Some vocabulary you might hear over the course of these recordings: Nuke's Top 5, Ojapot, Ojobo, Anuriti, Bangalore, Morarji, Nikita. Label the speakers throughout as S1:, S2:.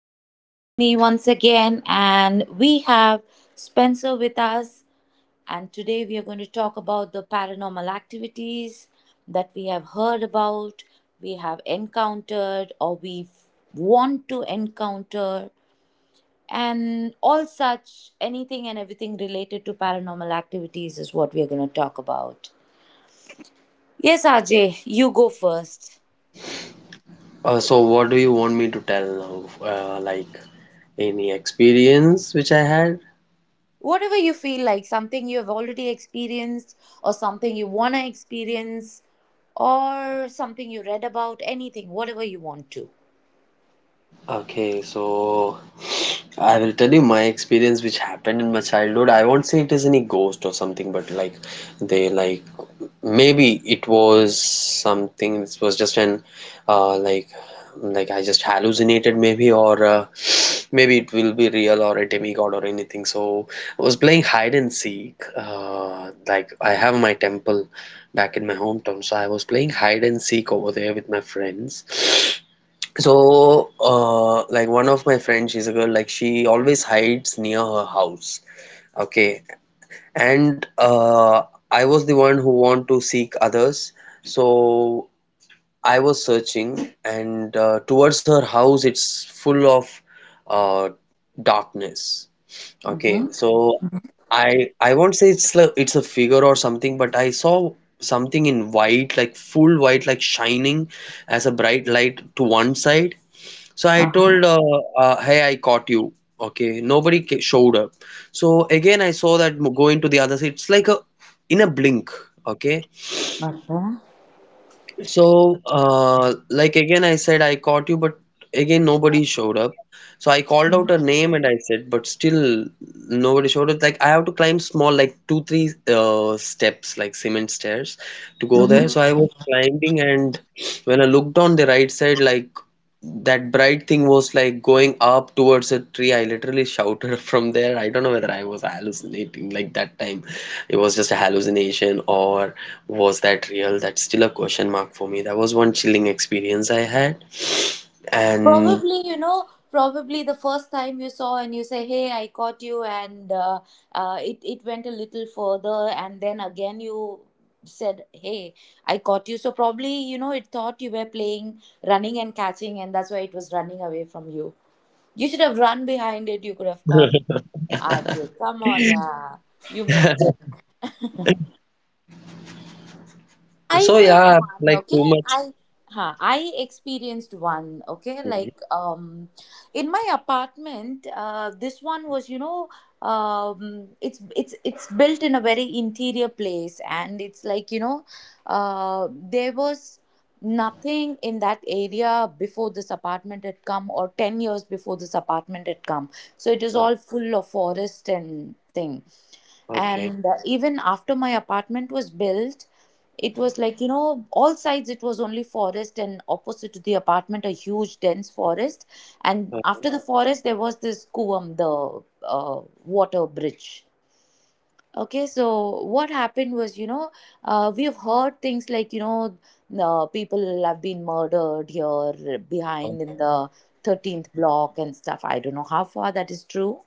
S1: RJ with me once again, and we have Spencer with us. And today we are going to talk about the paranormal activities that we have heard about, we have encountered, or we want to encounter, and all such anything and everything related to paranormal activities is what we are going to talk about. Yes, RJ, you go first.
S2: So what do you want me to tell now? Like any experience which I had?
S1: Whatever you feel like, something you have already experienced, or something you want to experience, or something you read about, anything, whatever you want to.
S2: Okay, so I will tell you my experience which happened in my childhood. I won't say it is any ghost or something, but like they like Maybe it was something. This was just an uh, like I just hallucinated maybe, or maybe it will be real, or a demigod or anything. So I was playing hide and seek. Like I have my temple back in my hometown, so I was playing hide and seek over there with my friends. So like one of friends, she's a girl. Like she always hides near her house. Okay, and I was the one who want to seek others. So I was searching, and towards her house, it's full of uh, darkness. Okay,
S1: Mm-hmm.
S2: so I I won't say it's like it's a figure or something, but I saw something in white, like full white, like shining as a bright light to one side, so I
S1: Uh-huh.
S2: told, hey, I caught you. Okay, showed up. So again, I saw that going to the other side. It's like a in a blink. Okay,
S1: Okay.
S2: so, like again, I said I caught you, but again nobody showed up. So I called out her name and I said, but still nobody showed up. Like I have to climb small, like two, three steps, like cement stairs, to go there. So
S1: Hmm.
S2: I was climbing, and when I looked on the right side, like that bright thing was like going up towards a tree. I literally shouted from there. I don't know whether I was hallucinating like that time. It was just a hallucination, or was that real? That's still a question mark for me. That was one chilling experience I had. And
S1: Probably, the first time you saw and you say, "Hey, I caught you," and it went a little further, and then again you said, "Hey, I caught you." So probably, it thought you were playing running and catching, and that's why it was running away from you. You should have run behind it. You could have caught it. Ajay, come on, yeah. You missed it. I
S2: so,
S1: faced
S2: yeah,
S1: one,
S2: like too
S1: okay?
S2: much.
S1: I experienced one, okay?
S2: Mhm.
S1: In my apartment, this one was, it's built in a very interior place, and it's like, you know, there was nothing in that area before this apartment had come, or 10 years before this apartment had come, so it is
S2: Uh,
S1: all full of forest and thing.
S2: okay.
S1: And even after my apartment was built, it was, like, all sides it was only forest, and opposite to the apartment a huge dense forest. And after the forest there was this kuvam, the water bridge, okay? So what happened was, we have heard things like, people have been murdered here behind in the 13th block and stuff. I don't know how far that is true,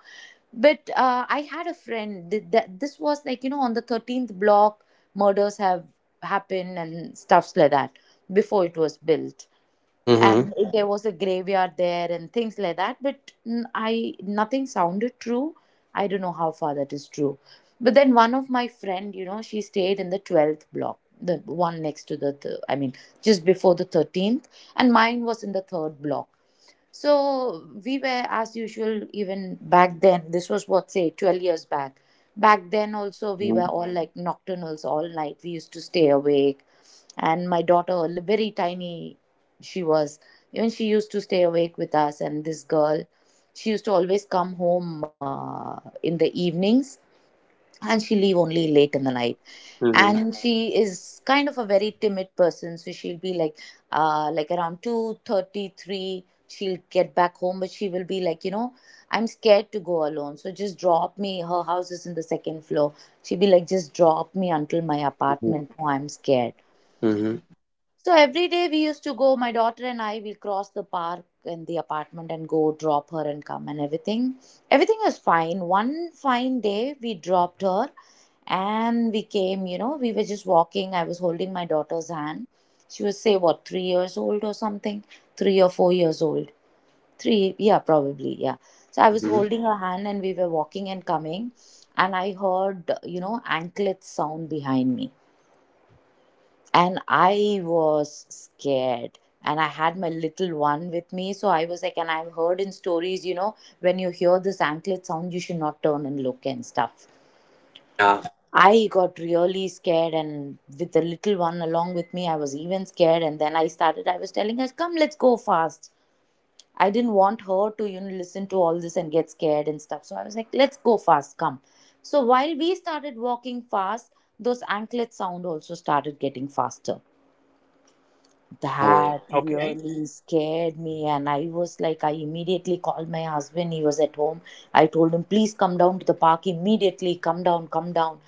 S1: but I had a friend that this was, like, on the 13th block, murders have happened and stuffs like that before it was built. And,
S2: Mm-hmm.
S1: mhm, there was a graveyard there and things like that. But nothing sounded true. I don't know how far that is true. But then one of my friend, she stayed in the 12th block, the one next to I mean, just before the 13th. And mine was in the third block. So we were, as usual, even back then, this was, what, say, 12 years back? Back then, also, we were
S2: Mm-hmm.
S1: all like nocturnals all night. We used to stay awake. And my daughter, very tiny, she was, even she used to stay awake with us. And this girl, she used to always come home in the evenings, and she leave only late in the night.
S2: Mm-hmm.
S1: And she is kind of a very timid person, so she'll be like, around 2:33 she'll get back home, but she will be like, I'm scared to go alone, so just drop me. Her house is in the second floor. She'll be like, just drop me until my apartment, no, I'm scared.
S2: Mm-hmm.
S1: So every day we used to go, my daughter and I, we cross the park and the apartment and go drop her and come and everything. Everything was fine. One fine day we dropped her, and we came, we were just walking. I was holding my daughter's hand. She was, say, what, 3 years old or something? 3 or 4 years old. Three, yeah, probably, yeah. So I was
S2: Mm-hmm.
S1: holding her hand, and we were walking and coming. And I heard, anklet sound behind me, and I was scared. And I had my little one with me. So I was like, and I've heard in stories, when you hear this anklet sound, you should not turn and look and stuff.
S2: Yeah.
S1: I got really scared, and with the little one along with me, I was even scared. And then I started, I was telling her, come, let's go fast. I didn't want her to, listen to all this and get scared and stuff. So I was like, let's go fast, come. So while we started walking fast, those anklet sound also started getting faster.
S2: Oh my
S1: That
S3: Okay.
S1: really scared me, and I was like, I immediately called my husband. He was at home. I told him, please come down to the park immediately, come down, come down,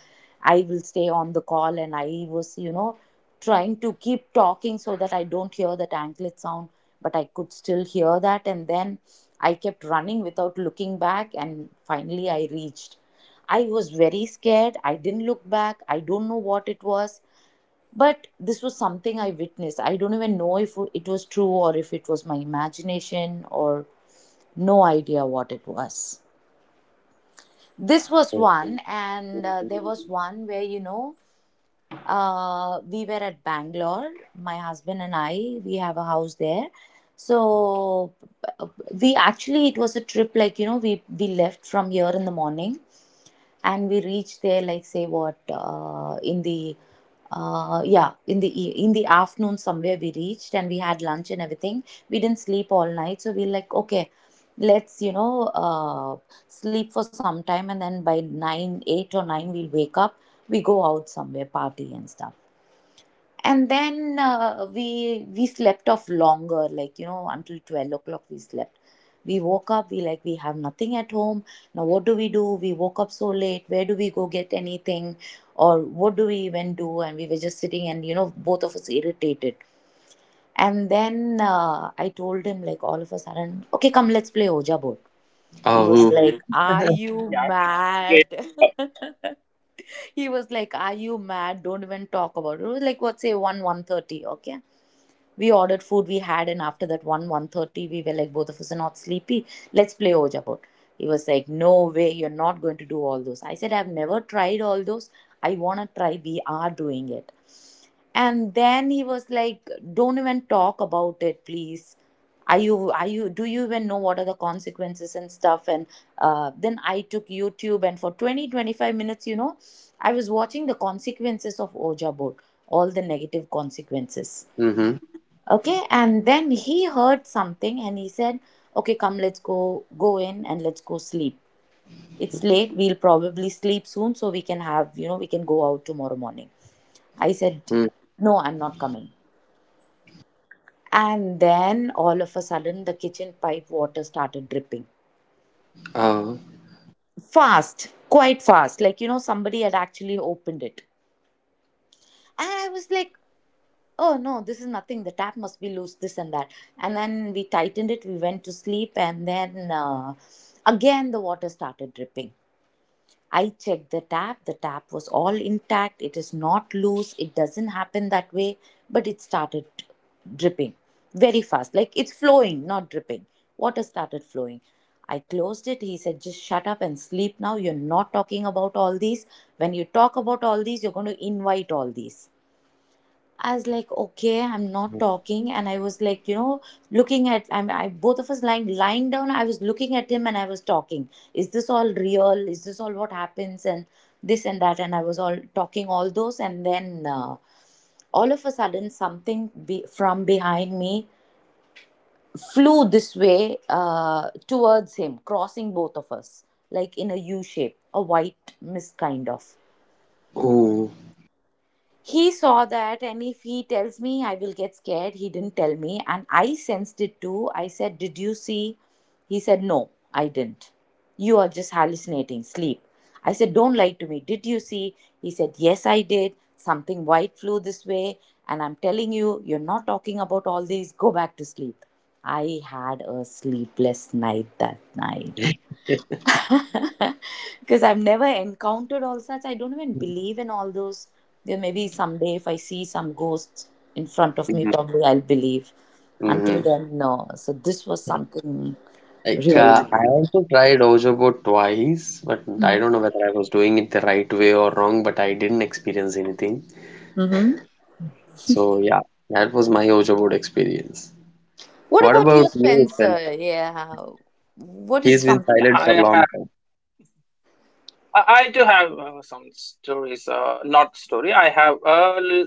S1: I will stay on the call. And I was, trying to keep talking so that I don't hear that anklet sound, but I could still hear that. And then I kept running without looking back, and finally I reached. I was very scared, I didn't look back, I don't know what it was, but this was something I witnessed. I don't even know if it was true, or if it was my imagination, or no idea what it was. This was
S2: God.
S1: one. And there was one where, we were at Bangalore, my husband and I, we have a house there. So uh, we actually, it was a trip, like, we left from here in the morning, and we reached there, like, say, what, in the yeah in the e- in the afternoon somewhere we reached, and we had lunch and everything. We didn't sleep all night, so we are like, okay, let's, sleep for some time, and then by 9, 8 or 9 we'll wake up, we go out somewhere, party and stuff. And then we slept off longer, like, until 12 o'clock we slept. We woke up, we like, we have nothing at home, now what do we do, we woke up so late, where do we go get anything, or what do we even do? And we were just sitting and, both of us irritated. And then I told him, like, all of a sudden, okay, come, let's play Oja board. He was,
S2: Oh,
S1: uh-huh, like, are you
S3: Yeah, right.
S1: mad?
S3: Great idea.
S1: He was like, are you mad, don't even talk about it. It was like, what, say, 1, 130 okay, we ordered food, we had, and after that one one thirty, we were like, both of us are not sleepy. Let's play Ojapot. He was like, no way, you're not going to do all those. I said, I've never tried all those. I wanna try. We are doing it. And then he was like, don't even talk about it, please. Are you do you even know what are the consequences and stuff? And then I took YouTube and for 20 25 minutes, I was watching the consequences of Oja board, all the negative consequences.
S2: mm-hmm,
S1: Okay. And then he heard something and he said, okay, come, let's go in and let's go sleep. It's late, we'll probably sleep soon, so we can have you know we can go out tomorrow morning. I said,
S2: mm,
S1: no, I'm not coming. And then all of a sudden the kitchen pipe water started dripping
S2: oh,
S1: fast, quite fast, like, somebody had actually opened it. And I was like, oh no, this is nothing, the tap must be loose, this and that. And then we tightened it, we went to sleep, and then again the water started dripping. I checked the tap, the tap was all intact, it is not loose, it doesn't happen that way, but it started dripping very fast, like it's flowing, not dripping. Water started flowing. I closed it. He said, just shut up and sleep now, you're not talking about all these, when you talk about all these you're going to invite all these. I was like, okay, I'm not talking. And I was like, you know, looking at, I'm, I, both of us lying down. I was looking at him and I was talking. Is this all real? Is this all what happens? And this and that. And I was all talking all those. And then all of a sudden, from behind me flew this way towards him, crossing both of us, like in a U shape, a white mist kind of.
S2: oh,
S1: He saw that, and if he tells me, I will get scared. He didn't tell me, and I sensed it too. I said, did you see? He said, no, I didn't, you are just hallucinating, sleep. I said, don't lie to me, did you see? He said, yes, I did, something white flew this way, and I'm telling you, you're not talking about all these, go back to sleep. I had a sleepless night that night because I've never encountered all such. I don't even believe in all those. There may someday, if I see some ghosts in front of me,
S2: mm-hmm,
S1: probably I'll believe. Until
S2: mm-hmm.
S1: then, no. So this was something
S2: Like,
S1: really.
S2: I also tried Ojobo twice, but I don't know whether I was doing it the right way or wrong, but I didn't experience anything.
S1: Hmm.
S2: So, yeah, that was my Ojobo experience.
S1: What
S2: What
S1: about
S2: about
S1: you,
S2: you, Spencer?
S1: Spencer? Yeah. What is
S2: He's been
S1: something?
S3: Yeah,
S2: silent for a
S3: I
S2: long.
S3: have I, I do have some stories, not story. I have uh, l-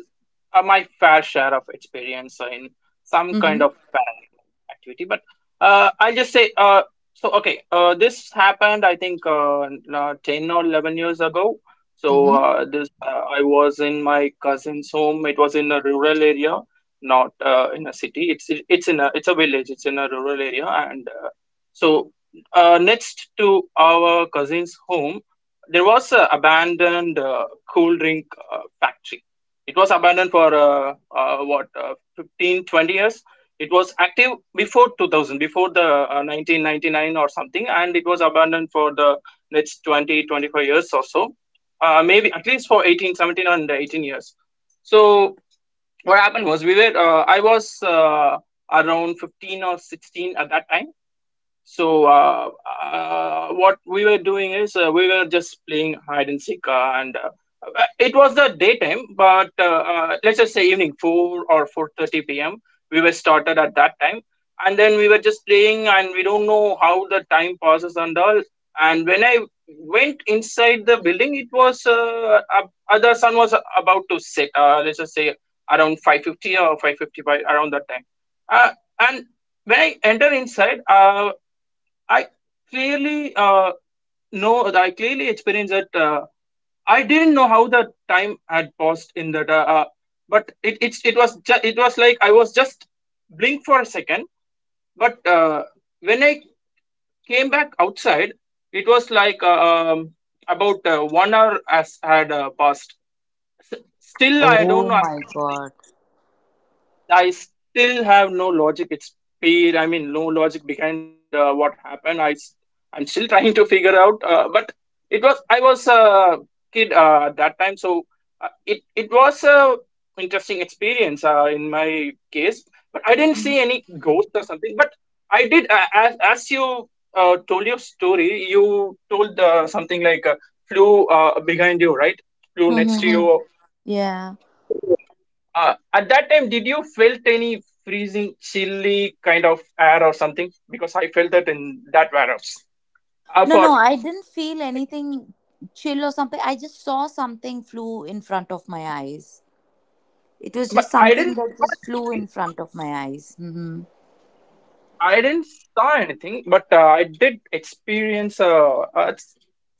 S3: uh, my fair share of experience in some kind
S1: Hmm.
S3: of paranormal activity, but I'll just say Okay, this happened, I think, 10 or 11 years ago. So,
S1: Hmm.
S3: this I was in my cousin's home. It was in a rural area. Not in a city. It's a village. It's in a rural area, and so next to our cousin's home there was a abandoned cool drink factory. It was abandoned for what 15 20 years. It was active before 2000, before the 1999 or something, and it was abandoned for the next 20 25 years or so, maybe at least for 18 17 and 18 years. So what happened was, we were I was uh, around 15 or 16 at that time. So what we were doing is, we were just playing hide and seek, and it was the daytime. But let's just say evening, 4 or 4:30 p.m. We were started at that time, and then we were just playing, and we don't know how the time passes and all. And when I went inside the building, the sun was about to set. Let's just say around 5:50 or 5:55 around that time. Uh, and when I enter inside, I clearly uh, clearly experienced that I didn't know how the time had passed in that, but it it's it was ju- it was like I was just blink for a second. But when I came back outside, it was like, um, about 1 hour has had passed. Still, I don't
S1: Oh
S3: know.
S1: my God.
S3: I still have no logic. It's pure. I mean, no logic behind what happened. I'm still trying to figure out. But it was I was a kid at that time, so it was a interesting experience in my case. But I didn't see any ghosts or something. But I did. As you told your story, you told something like flew behind you, right? Flew next to
S1: Hmm.
S3: you. Uh,
S1: Yeah.
S3: so at that time, did you felt any freezing, chilly kind of air or something? Because I felt that in that warehouse
S1: No,
S3: for
S1: no, I didn't
S3: some
S1: feel
S3: seconds.
S1: anything chill or something. I just saw something flew in front of my eyes. It was just
S3: But I
S1: something
S3: didn't
S1: that
S3: saw
S1: just flew
S3: anything.
S1: in
S3: But,
S1: front of my eyes. Hmm.
S3: yes, I didn't saw anything, but I did experience a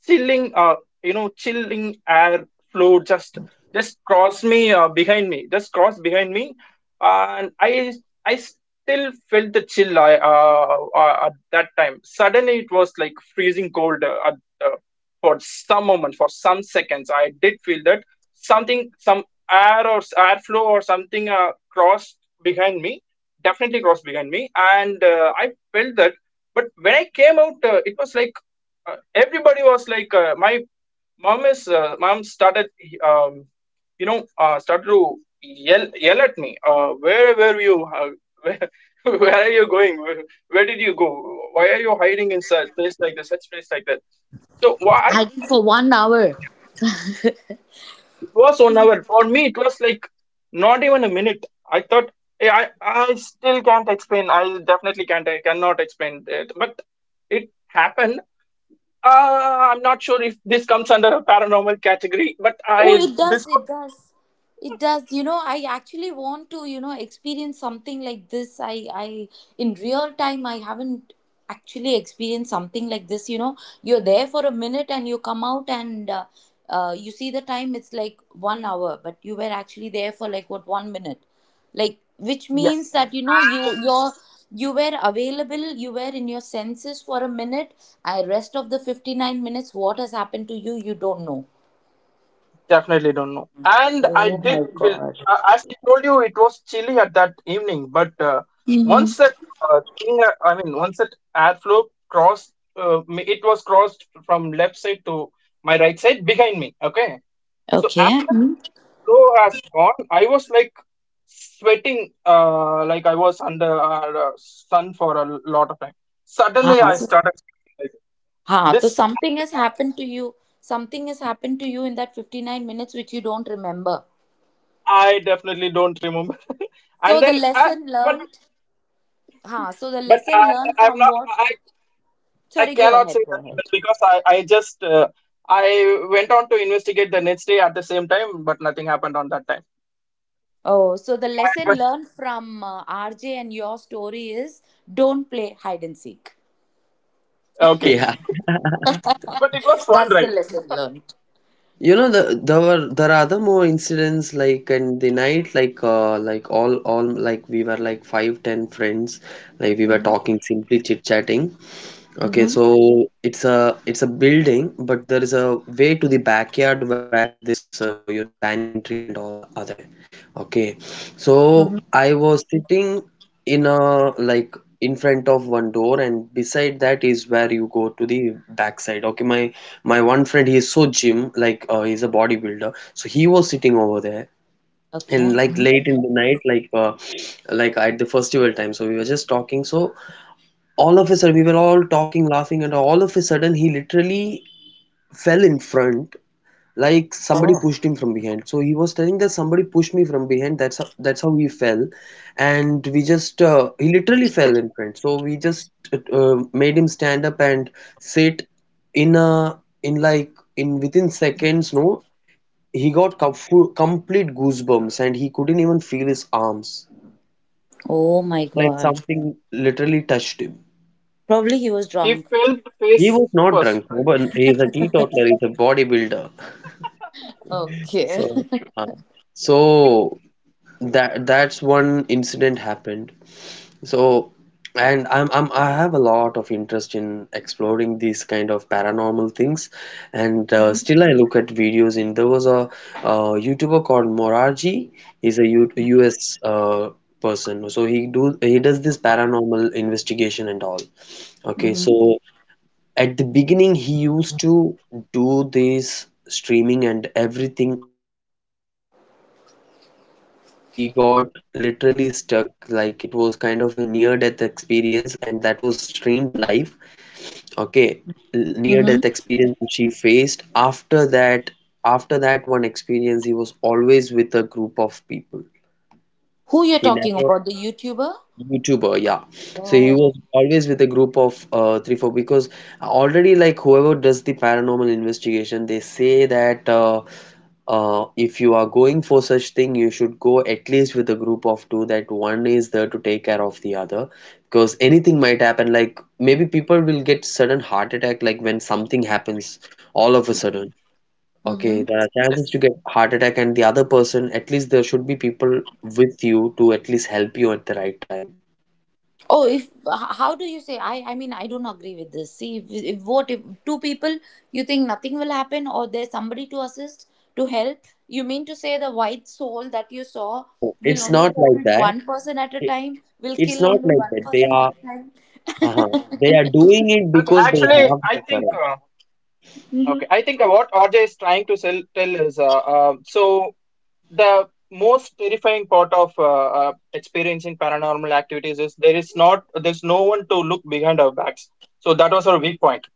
S3: chilling, chilling air flow, just crossed me behind me, just crossed behind me, and I still felt the chill. I At that time, suddenly it was like freezing cold, uh, for some moment, for some seconds. I did feel that something, some air or airflow or something crossed behind me, definitely crossed behind me, and I felt that. But when I came out, it was like, everybody was like, my mom is mom started, um, started to yell at me, where were you, where, where are you going, where did you go, why are you hiding in such place like this, such place like that, so why i
S1: I did
S3: just
S1: for
S3: i
S1: one
S3: had no
S1: hour.
S3: idea. It was 1 hour. For me, it was like not even a minute. I thought, I still can't explain. I definitely can't. I cannot explain it. But it happened. I'm not sure if this comes under a paranormal category,
S1: Oh, it
S3: this
S1: does, it
S3: was.
S1: does. It does. You know, I actually want to, you know, experience something like this. In real time, I haven't actually experienced something like this. You know, you're there for a minute and you come out and you see the time, it's like 1 hour, but you were actually there for like what, 1 minute. Like, which means
S3: Yes.
S1: that, you know,
S3: And.
S1: you were available, you were in your senses for a minute. I rest of the 59 minutes, what has happened to you, you don't know.
S3: Definitely don't know. And I
S1: Oh my
S3: did feel,
S1: God.
S3: as I told you, it was chilly at that evening. But once
S1: Mm-hmm.
S3: that thing, I mean, once that airflow crossed, it was crossed from left side to my right side behind me. Okay. So
S1: Okay.
S3: after
S1: Hmm?
S3: that flow has gone, I was like sweating, like I was under sun for a lot of time.
S1: हाँ,
S3: Suddenly, I
S1: so,
S3: started sweating. Like,
S1: हाँ तो
S3: this
S1: something
S3: actually
S1: has
S3: happened.
S1: happened to you, something has happened to you in that 59 minutes which you don't remember,
S3: I definitely don't remember. And
S1: so the
S3: then I,
S1: lesson
S3: but
S1: learned. हाँ, so the
S3: but
S1: lesson
S3: I
S1: learned
S3: I'm
S1: from
S3: not
S1: what?
S3: I I
S1: Sorry, go
S3: cannot
S1: ahead,
S3: say
S1: go
S3: lesson
S1: ahead.
S3: learned because I just I went on to investigate the next day at the same time, but nothing happened on that time.
S1: Oh, so the
S3: I
S1: lesson
S3: was.
S1: learned from RJ and your story is don't play hide and seek.
S3: Okay,
S2: Yeah,
S3: but it was fun,
S1: That's the
S3: right?
S1: lesson learned.
S2: you know, there are other more incidents like in the night, like all like we were like 5, 10 friends, like we were
S1: Mm-hmm.
S2: talking, simply chit chatting. Okay,
S1: Mm-hmm.
S2: so it's a building, but there is a way to the backyard where this, you know, banyan tree and all are there. Okay, so
S1: Mm-hmm.
S2: I was sitting in a like in front of one door, and beside that is where you go to the backside. Okay, my one friend, he is so gym, like he's a bodybuilder, so he was sitting over there.
S1: Okay.
S2: And like late in the night, like at the festival time, so we were just talking. So all of a sudden we were all talking, laughing, and all of a sudden he literally fell in front, like somebody
S1: Oh.
S2: pushed him from behind. So he was telling that somebody pushed me from behind. That's how he fell. And we just he literally fell in front, so we just made him stand up and sit in a in like in within seconds, no, he got complete goosebumps, and he couldn't even feel his arms,
S1: Oh my
S2: like
S1: God.
S2: something literally touched him.
S1: Probably he was
S3: He
S1: drunk.
S3: failed
S2: He
S3: face
S2: was not drunk.
S3: first, right?
S2: But he's a teetotaler. He's a bodybuilder.
S1: Okay.
S2: So, uh, so that that's one incident happened. So, and I'm I have a lot of interest in exploring these kind of paranormal things, and still I look at videos. In there was a YouTuber called Morarji. He's a U US person. So he does this paranormal investigation and all. Okay, so. At the beginning, he used to do this streaming and everything alone. Once he got literally stuck, like it was kind of a near death experience, and that was streamed live. Okay, near
S1: Mm-hmm.
S2: death experience which he faced. After that one experience, he was always with a group of people.
S1: Who you're
S2: He
S1: talking
S2: never
S1: about? The YouTuber?
S2: YouTuber, yeah. So he
S1: Oh.
S2: was always with a group of three, four because already like whoever does the paranormal investigation, they say that if you are going for such thing, you should go at least with a group of two. That one is there to take care of the other because anything might happen. Like maybe people will get sudden heart attack, like when something happens all of a sudden. Okay,
S1: Mm-hmm.
S2: there are chances to
S3: Yes.
S2: get heart attack, and the other person, at least there should be people with you to at least help you at the right time.
S1: Oh, if h- how do you say? I mean I don't agree with this. See, if what if two people you think nothing will happen or there's somebody to assist to help? You mean to say the white soul that you saw
S2: No,
S1: will
S2: it's
S1: only
S2: not like
S1: hold
S2: that.
S1: one person at a
S2: It,
S1: time? Will
S2: it's
S1: kill
S2: not
S1: only
S2: like
S1: one
S2: that. They
S1: person at
S2: are,
S1: a time?
S2: uh-huh. They are doing it
S3: Okay,
S2: because they
S3: actually,
S2: have
S3: I
S2: the
S3: think
S2: courage.
S3: okay. I
S1: Mm-hmm.
S3: think what RJ is trying to tell is, so the most terrifying part of experiencing paranormal activities is there is not there's no one to look behind our backs, so that was our weak point.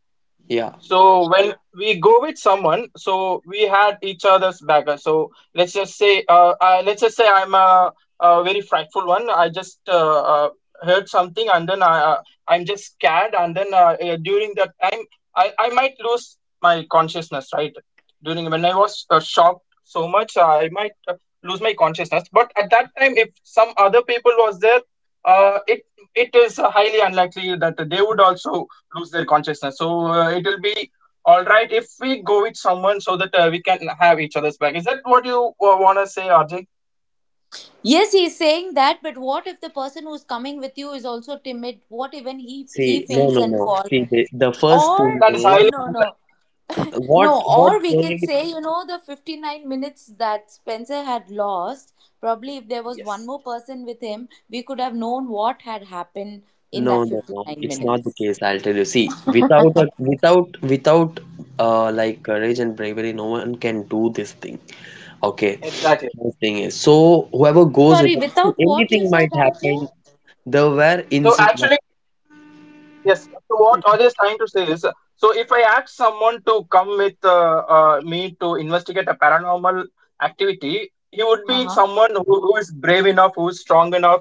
S2: Yeah.
S3: So when we go with someone, so we had each other's backer. Let's just say I'm a very frightful one. I just heard something, and then I'm just scared, and then during that time, I might lose my consciousness, right? During when I was shocked so much, I might lose my consciousness. But at that time, if some other people was there, uh, it it is highly unlikely that they would also lose their consciousness. So it will be all right if we go with someone so that we can have each other's back. Is that what you want to say, Arjay?
S1: Yes, he's saying that, but what if the person who's coming with you is also timid? What even he
S2: See, no,
S1: faints
S2: no,
S1: and
S2: no.
S1: falls?
S2: See, the first
S1: Or
S3: That is
S2: thing
S3: highly
S1: no, no.
S3: unlikely.
S2: is
S1: No,
S2: what
S1: or we can
S2: they.
S1: say, you know, the 59 minutes that Spencer had lost, probably if there was one
S3: Yes.
S1: more person with him, we could have known what had happened in
S2: No,
S1: that
S2: no, no.
S1: 59
S2: It's not the
S1: minutes.
S2: case. I'll tell you. See, without without like courage and bravery, no one can do this thing. Okay.
S3: Exactly.
S2: First thing is so whoever goes with
S1: Sorry,
S2: see,
S1: without what you
S2: anything might
S1: said,
S2: happen.
S1: Ajay?
S2: There were
S3: So
S2: incidents.
S3: actually, yes. So what Ajay is trying to say is, so if I ask someone to come with me to investigate a paranormal activity, he would be
S1: Uh-huh.
S3: someone who is brave enough, who is strong enough.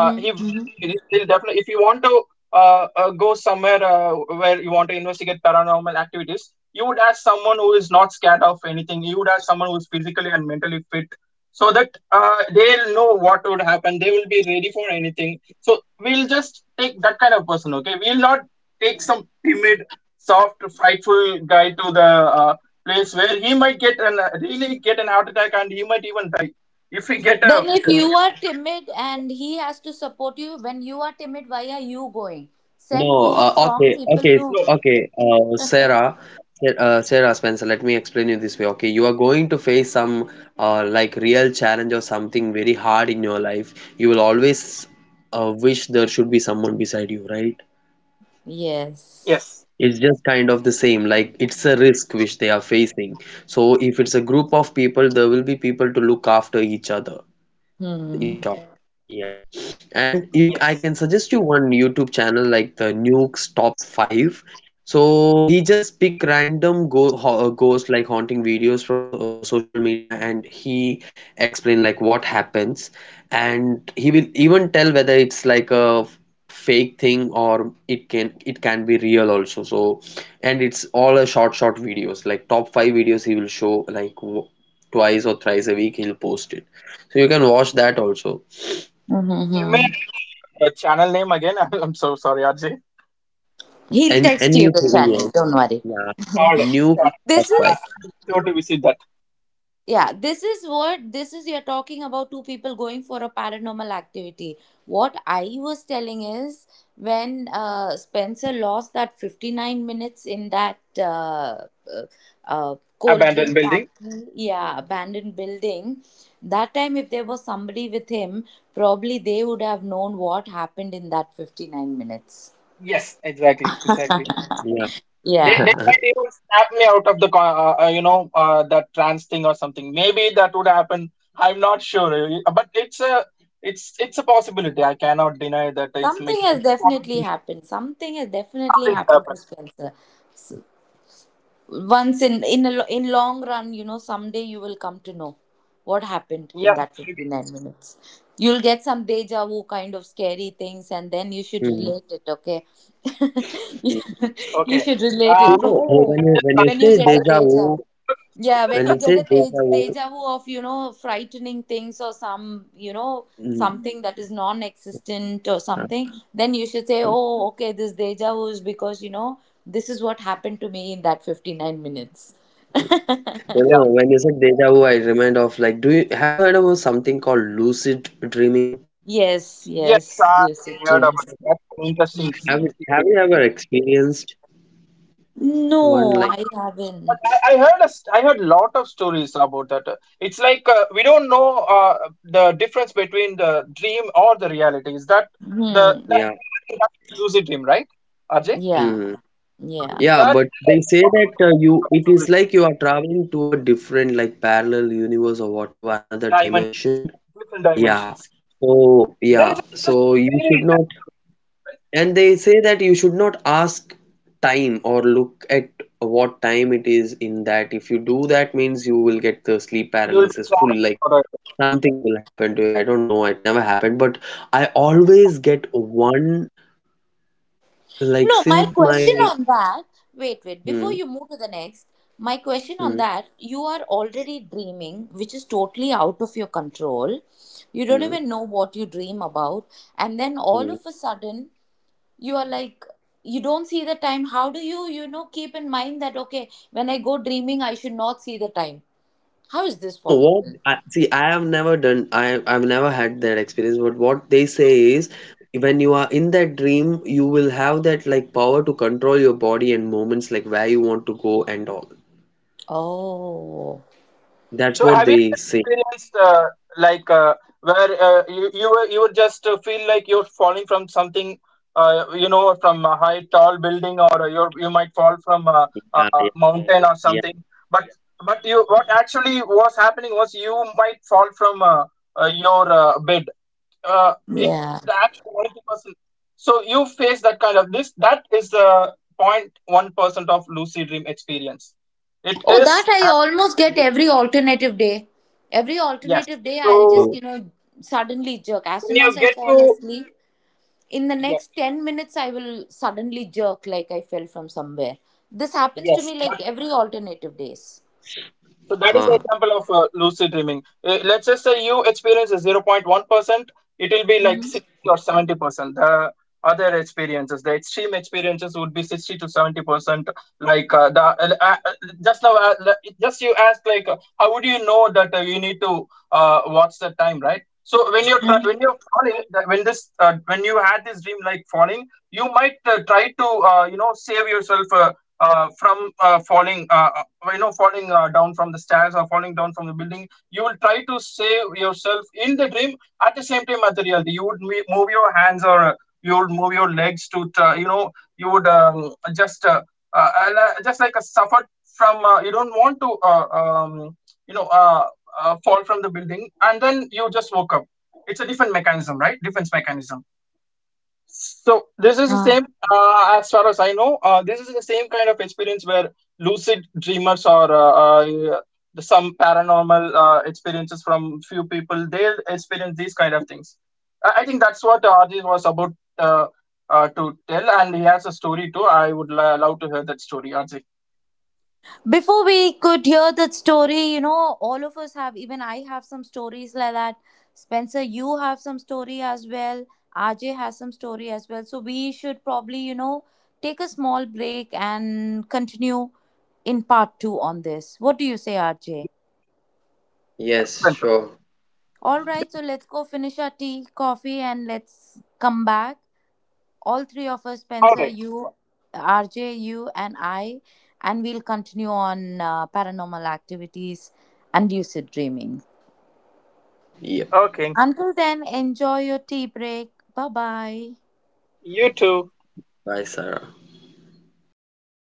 S3: He will
S1: Hmm.
S3: be. He's, they'll definitely. If you want to go somewhere where you want to investigate paranormal activities, you would have someone who is not scared of anything. You would have someone who is physically and mentally fit, so that they'll know what would happen. They will be ready for anything. So we'll just take that kind of person. Okay, we'll not take some timid, soft, frightful guy to the uh, place where he might get an heart attack, and he might even die if we get a,
S1: Then if you are timid and he has to support you, when you are timid, why are you going? Send
S2: No,
S1: two strong
S2: okay,
S1: people,
S2: okay,
S1: no.
S3: no.
S2: okay. Sarah, Sarah Spencer, let me explain you this way. Okay, you are going to face some like real challenge or something very hard in your life. You will always wish there should be someone beside you, right?
S1: Yes.
S3: Yes.
S2: It's just kind of the same. Like it's a risk which they are facing. So if it's a group of people, there will be people to look after each other. In
S1: Hmm.
S2: short, yeah. And you, I
S3: Yes.
S2: can suggest you one YouTube channel like the Nuke's Top 5. So he just pick random ghost like haunting videos from so, social media, and he explain like what happens, and he will even tell whether it's like a fake thing, or it can be real also. So and it's all a short short videos, like top 5 videos he will show, like w twice or thrice a week he'll post it. So you can watch that also.
S1: Mm-hmm.
S3: You may
S1: Mm-hmm.
S3: have the channel name again. I'm so sorry, RJ.
S1: He'll text
S2: And
S1: you
S2: new
S1: the channel,
S2: areas,
S1: don't worry.
S2: yeah,
S3: All right,
S2: new
S3: got it.
S1: This
S2: stuff.
S1: is.
S3: I'll be sure to visit that
S1: Yeah, this is what this is you're talking about two people going for a paranormal activity. What I was telling is when Spencer lost that 59 minutes in that uh, cold drink
S3: abandoned building.
S1: factory, yeah, abandoned building, that time if there was somebody with him, probably they would have known what happened in that 59 minutes.
S3: Yes, exactly,
S2: Yeah,
S3: exactly.
S2: yeah.
S3: They,
S1: Yeah,
S3: they might even snap me out of the that trans thing or something. Maybe that would happen. I'm not sure. But it's a possibility. I cannot deny that it
S1: something
S3: might
S1: has
S3: be a
S1: definitely
S3: possibility.
S1: happened. Something has definitely
S3: Something has
S1: happened to
S3: happened.
S1: Spencer. S- once in a lo- in long run, you know, someday you will come to know what happened in
S3: Yeah,
S1: that
S3: maybe.
S1: 59 minutes, you'll get some deja vu kind of scary things and then you should
S2: Mm,
S1: relate it, okay.
S2: mm.
S1: you
S3: Okay.
S1: should relate
S2: You
S1: it. Pro-
S2: know, oh,
S1: oh,
S3: I'm just
S2: when you
S1: when
S3: starting to
S1: you
S2: say
S1: get a
S3: scare
S2: deja
S3: you.
S1: deja,
S2: vu,
S3: You're,
S1: yeah, when
S2: when
S1: you
S2: you
S1: get
S2: say
S1: a te-
S2: deja vu,
S1: deja vu of, you know, frightening things or some, you know,
S2: mm,
S1: something that is non existent or
S2: uh,
S1: something, then you should say, oh, okay, this deja vu is because, you know, this is what happened to me in that 59 minutes.
S2: you know, when
S3: yes.
S2: you say
S3: Okay.
S2: deja vu, I remind of like, do you have you heard about something called lucid dreaming?
S1: Yes,
S3: Yes,
S1: yes,
S3: I
S1: lucid
S3: heard
S1: dreams.
S3: about it. That's an interesting
S2: Have
S3: theory,
S2: you ever
S3: actually.
S2: experienced one
S1: No,
S2: like
S1: I
S3: Uh, but
S1: haven't.
S3: I heard a st I heard lot of stories about that. It's like we don't know the difference between the dream or the reality. Is that the
S1: Hmm.
S3: that,
S2: yeah,
S3: that- I think that is lucid dream, right, Ajay?
S2: hmm,
S1: Yeah,
S3: So
S1: yeah.
S2: yeah?
S3: that
S2: But
S3: there
S2: they
S3: was a
S2: say
S3: lot
S2: that
S3: of
S2: you it is
S3: stories,
S2: like you are traveling to a different like parallel universe or whatever another
S3: dimensions,
S2: dimension.
S3: yes, different
S2: Yeah.
S3: dimensions.
S2: So,
S3: There is
S2: yeah.
S3: an
S2: So
S3: interesting
S2: you
S3: theory
S2: should
S3: in
S2: not,
S3: that too. Right?
S2: and they say that you should not ask time or look at what time it is in that. If you do that means you will get the sleep
S3: You will be
S2: paralysis full,
S3: trapped
S2: like
S3: forever.
S2: something will happen to you.
S3: Yes.
S2: I don't know. It never happened, but I always get one, like
S1: No, my
S2: since my,
S1: question on that, wait, wait, before
S2: mm,
S1: you move to the next, my question on
S2: mm,
S1: that, you are already dreaming, which is totally out of your control. You don't
S2: mm,
S1: even know what you dream about. And then all
S2: mm.
S1: of a sudden, you are like, you don't see the time. How do you, you know, keep in mind that, okay, when I go dreaming, I should not see the time? How is this
S2: No, what
S1: possible?
S2: I see, I have never done, I've never had that experience. But what they say is, when you are in that dream, you will have that like power to control your body and moments, like where you want to go and all.
S1: Oh,
S2: That's
S3: So
S2: what
S3: have you
S2: they
S3: ever
S2: say.
S3: experienced, like, where you were, you would just feel like you're falling from something, from a high tall building, or you might fall from a,
S2: Yeah, yeah,
S3: a mountain or
S2: yeah.
S3: something, but you, what actually was happening was you might fall from your bed. It
S1: yeah.
S3: actually 90%, so you face that kind of this. That is the 0.1% of lucid dream experience, it
S1: Oh, that
S3: is
S1: I
S3: happening.
S1: almost get every alternative day. Every
S3: Yes.
S1: alternative day,
S2: Mine
S1: I'll just,
S2: too.
S3: So
S1: you know, suddenly jerk. As
S3: when
S1: soon as
S3: you
S1: I
S3: get
S1: fall
S3: to,
S1: asleep, in the next
S3: yes,
S1: 10 minutes, I will suddenly jerk like I fell from somewhere. This happens to
S3: yes,
S1: me like
S3: but
S1: every alternative days.
S3: so that is the
S2: Huh.
S3: example of lucid dreaming. Let's just say you experience a 0.1%, it will be like 60 or 70%. The other experiences, the extreme experiences would be 60 to 70%. Like, the just now, just you ask like, how would you know that, you need to watch the time, right? So when you're try when you're falling, when this when you had this dream like falling, you might try to save yourself from falling, falling down from the stairs or falling down from the building. You will try to save yourself in the dream, at the same time at the reality you would move your hands, or you would move your legs to you would just just like a suffered from you don't want to you know uh, fall from the building, and then you just woke up. It's a different mechanism, right, defense mechanism. So this is the same,
S1: Ah.
S3: as far as I know, this is the same kind of experience where lucid dreamers or uh, some paranormal experiences from few people, they'll experience these kind of things. I think that's what Arjun was about to tell, and he has a story too. I would love to hear that story, Arjun.
S1: Before we could hear that story, you know, all of us have, even I have some stories like that. Spencer, you have some story as well, RJ has some story as well, so we should probably, you know, take a small break and continue in part 2 on this. What do you say, RJ?
S3: Yes.
S2: Yes,
S3: Excellent, sir.
S2: sure.
S1: All right, so
S3: Sure.
S1: let's go finish our tea coffee and let's come back, all three of us.
S3: All
S1: Spencer,
S3: right.
S1: you, RJ, you and I, and we'll continue on paranormal activities and lucid dreaming.
S2: Yep.
S3: Okay.
S1: Until then, enjoy your tea break, bye bye.
S3: You too.
S2: Bye, Sarah.
S3: Bye,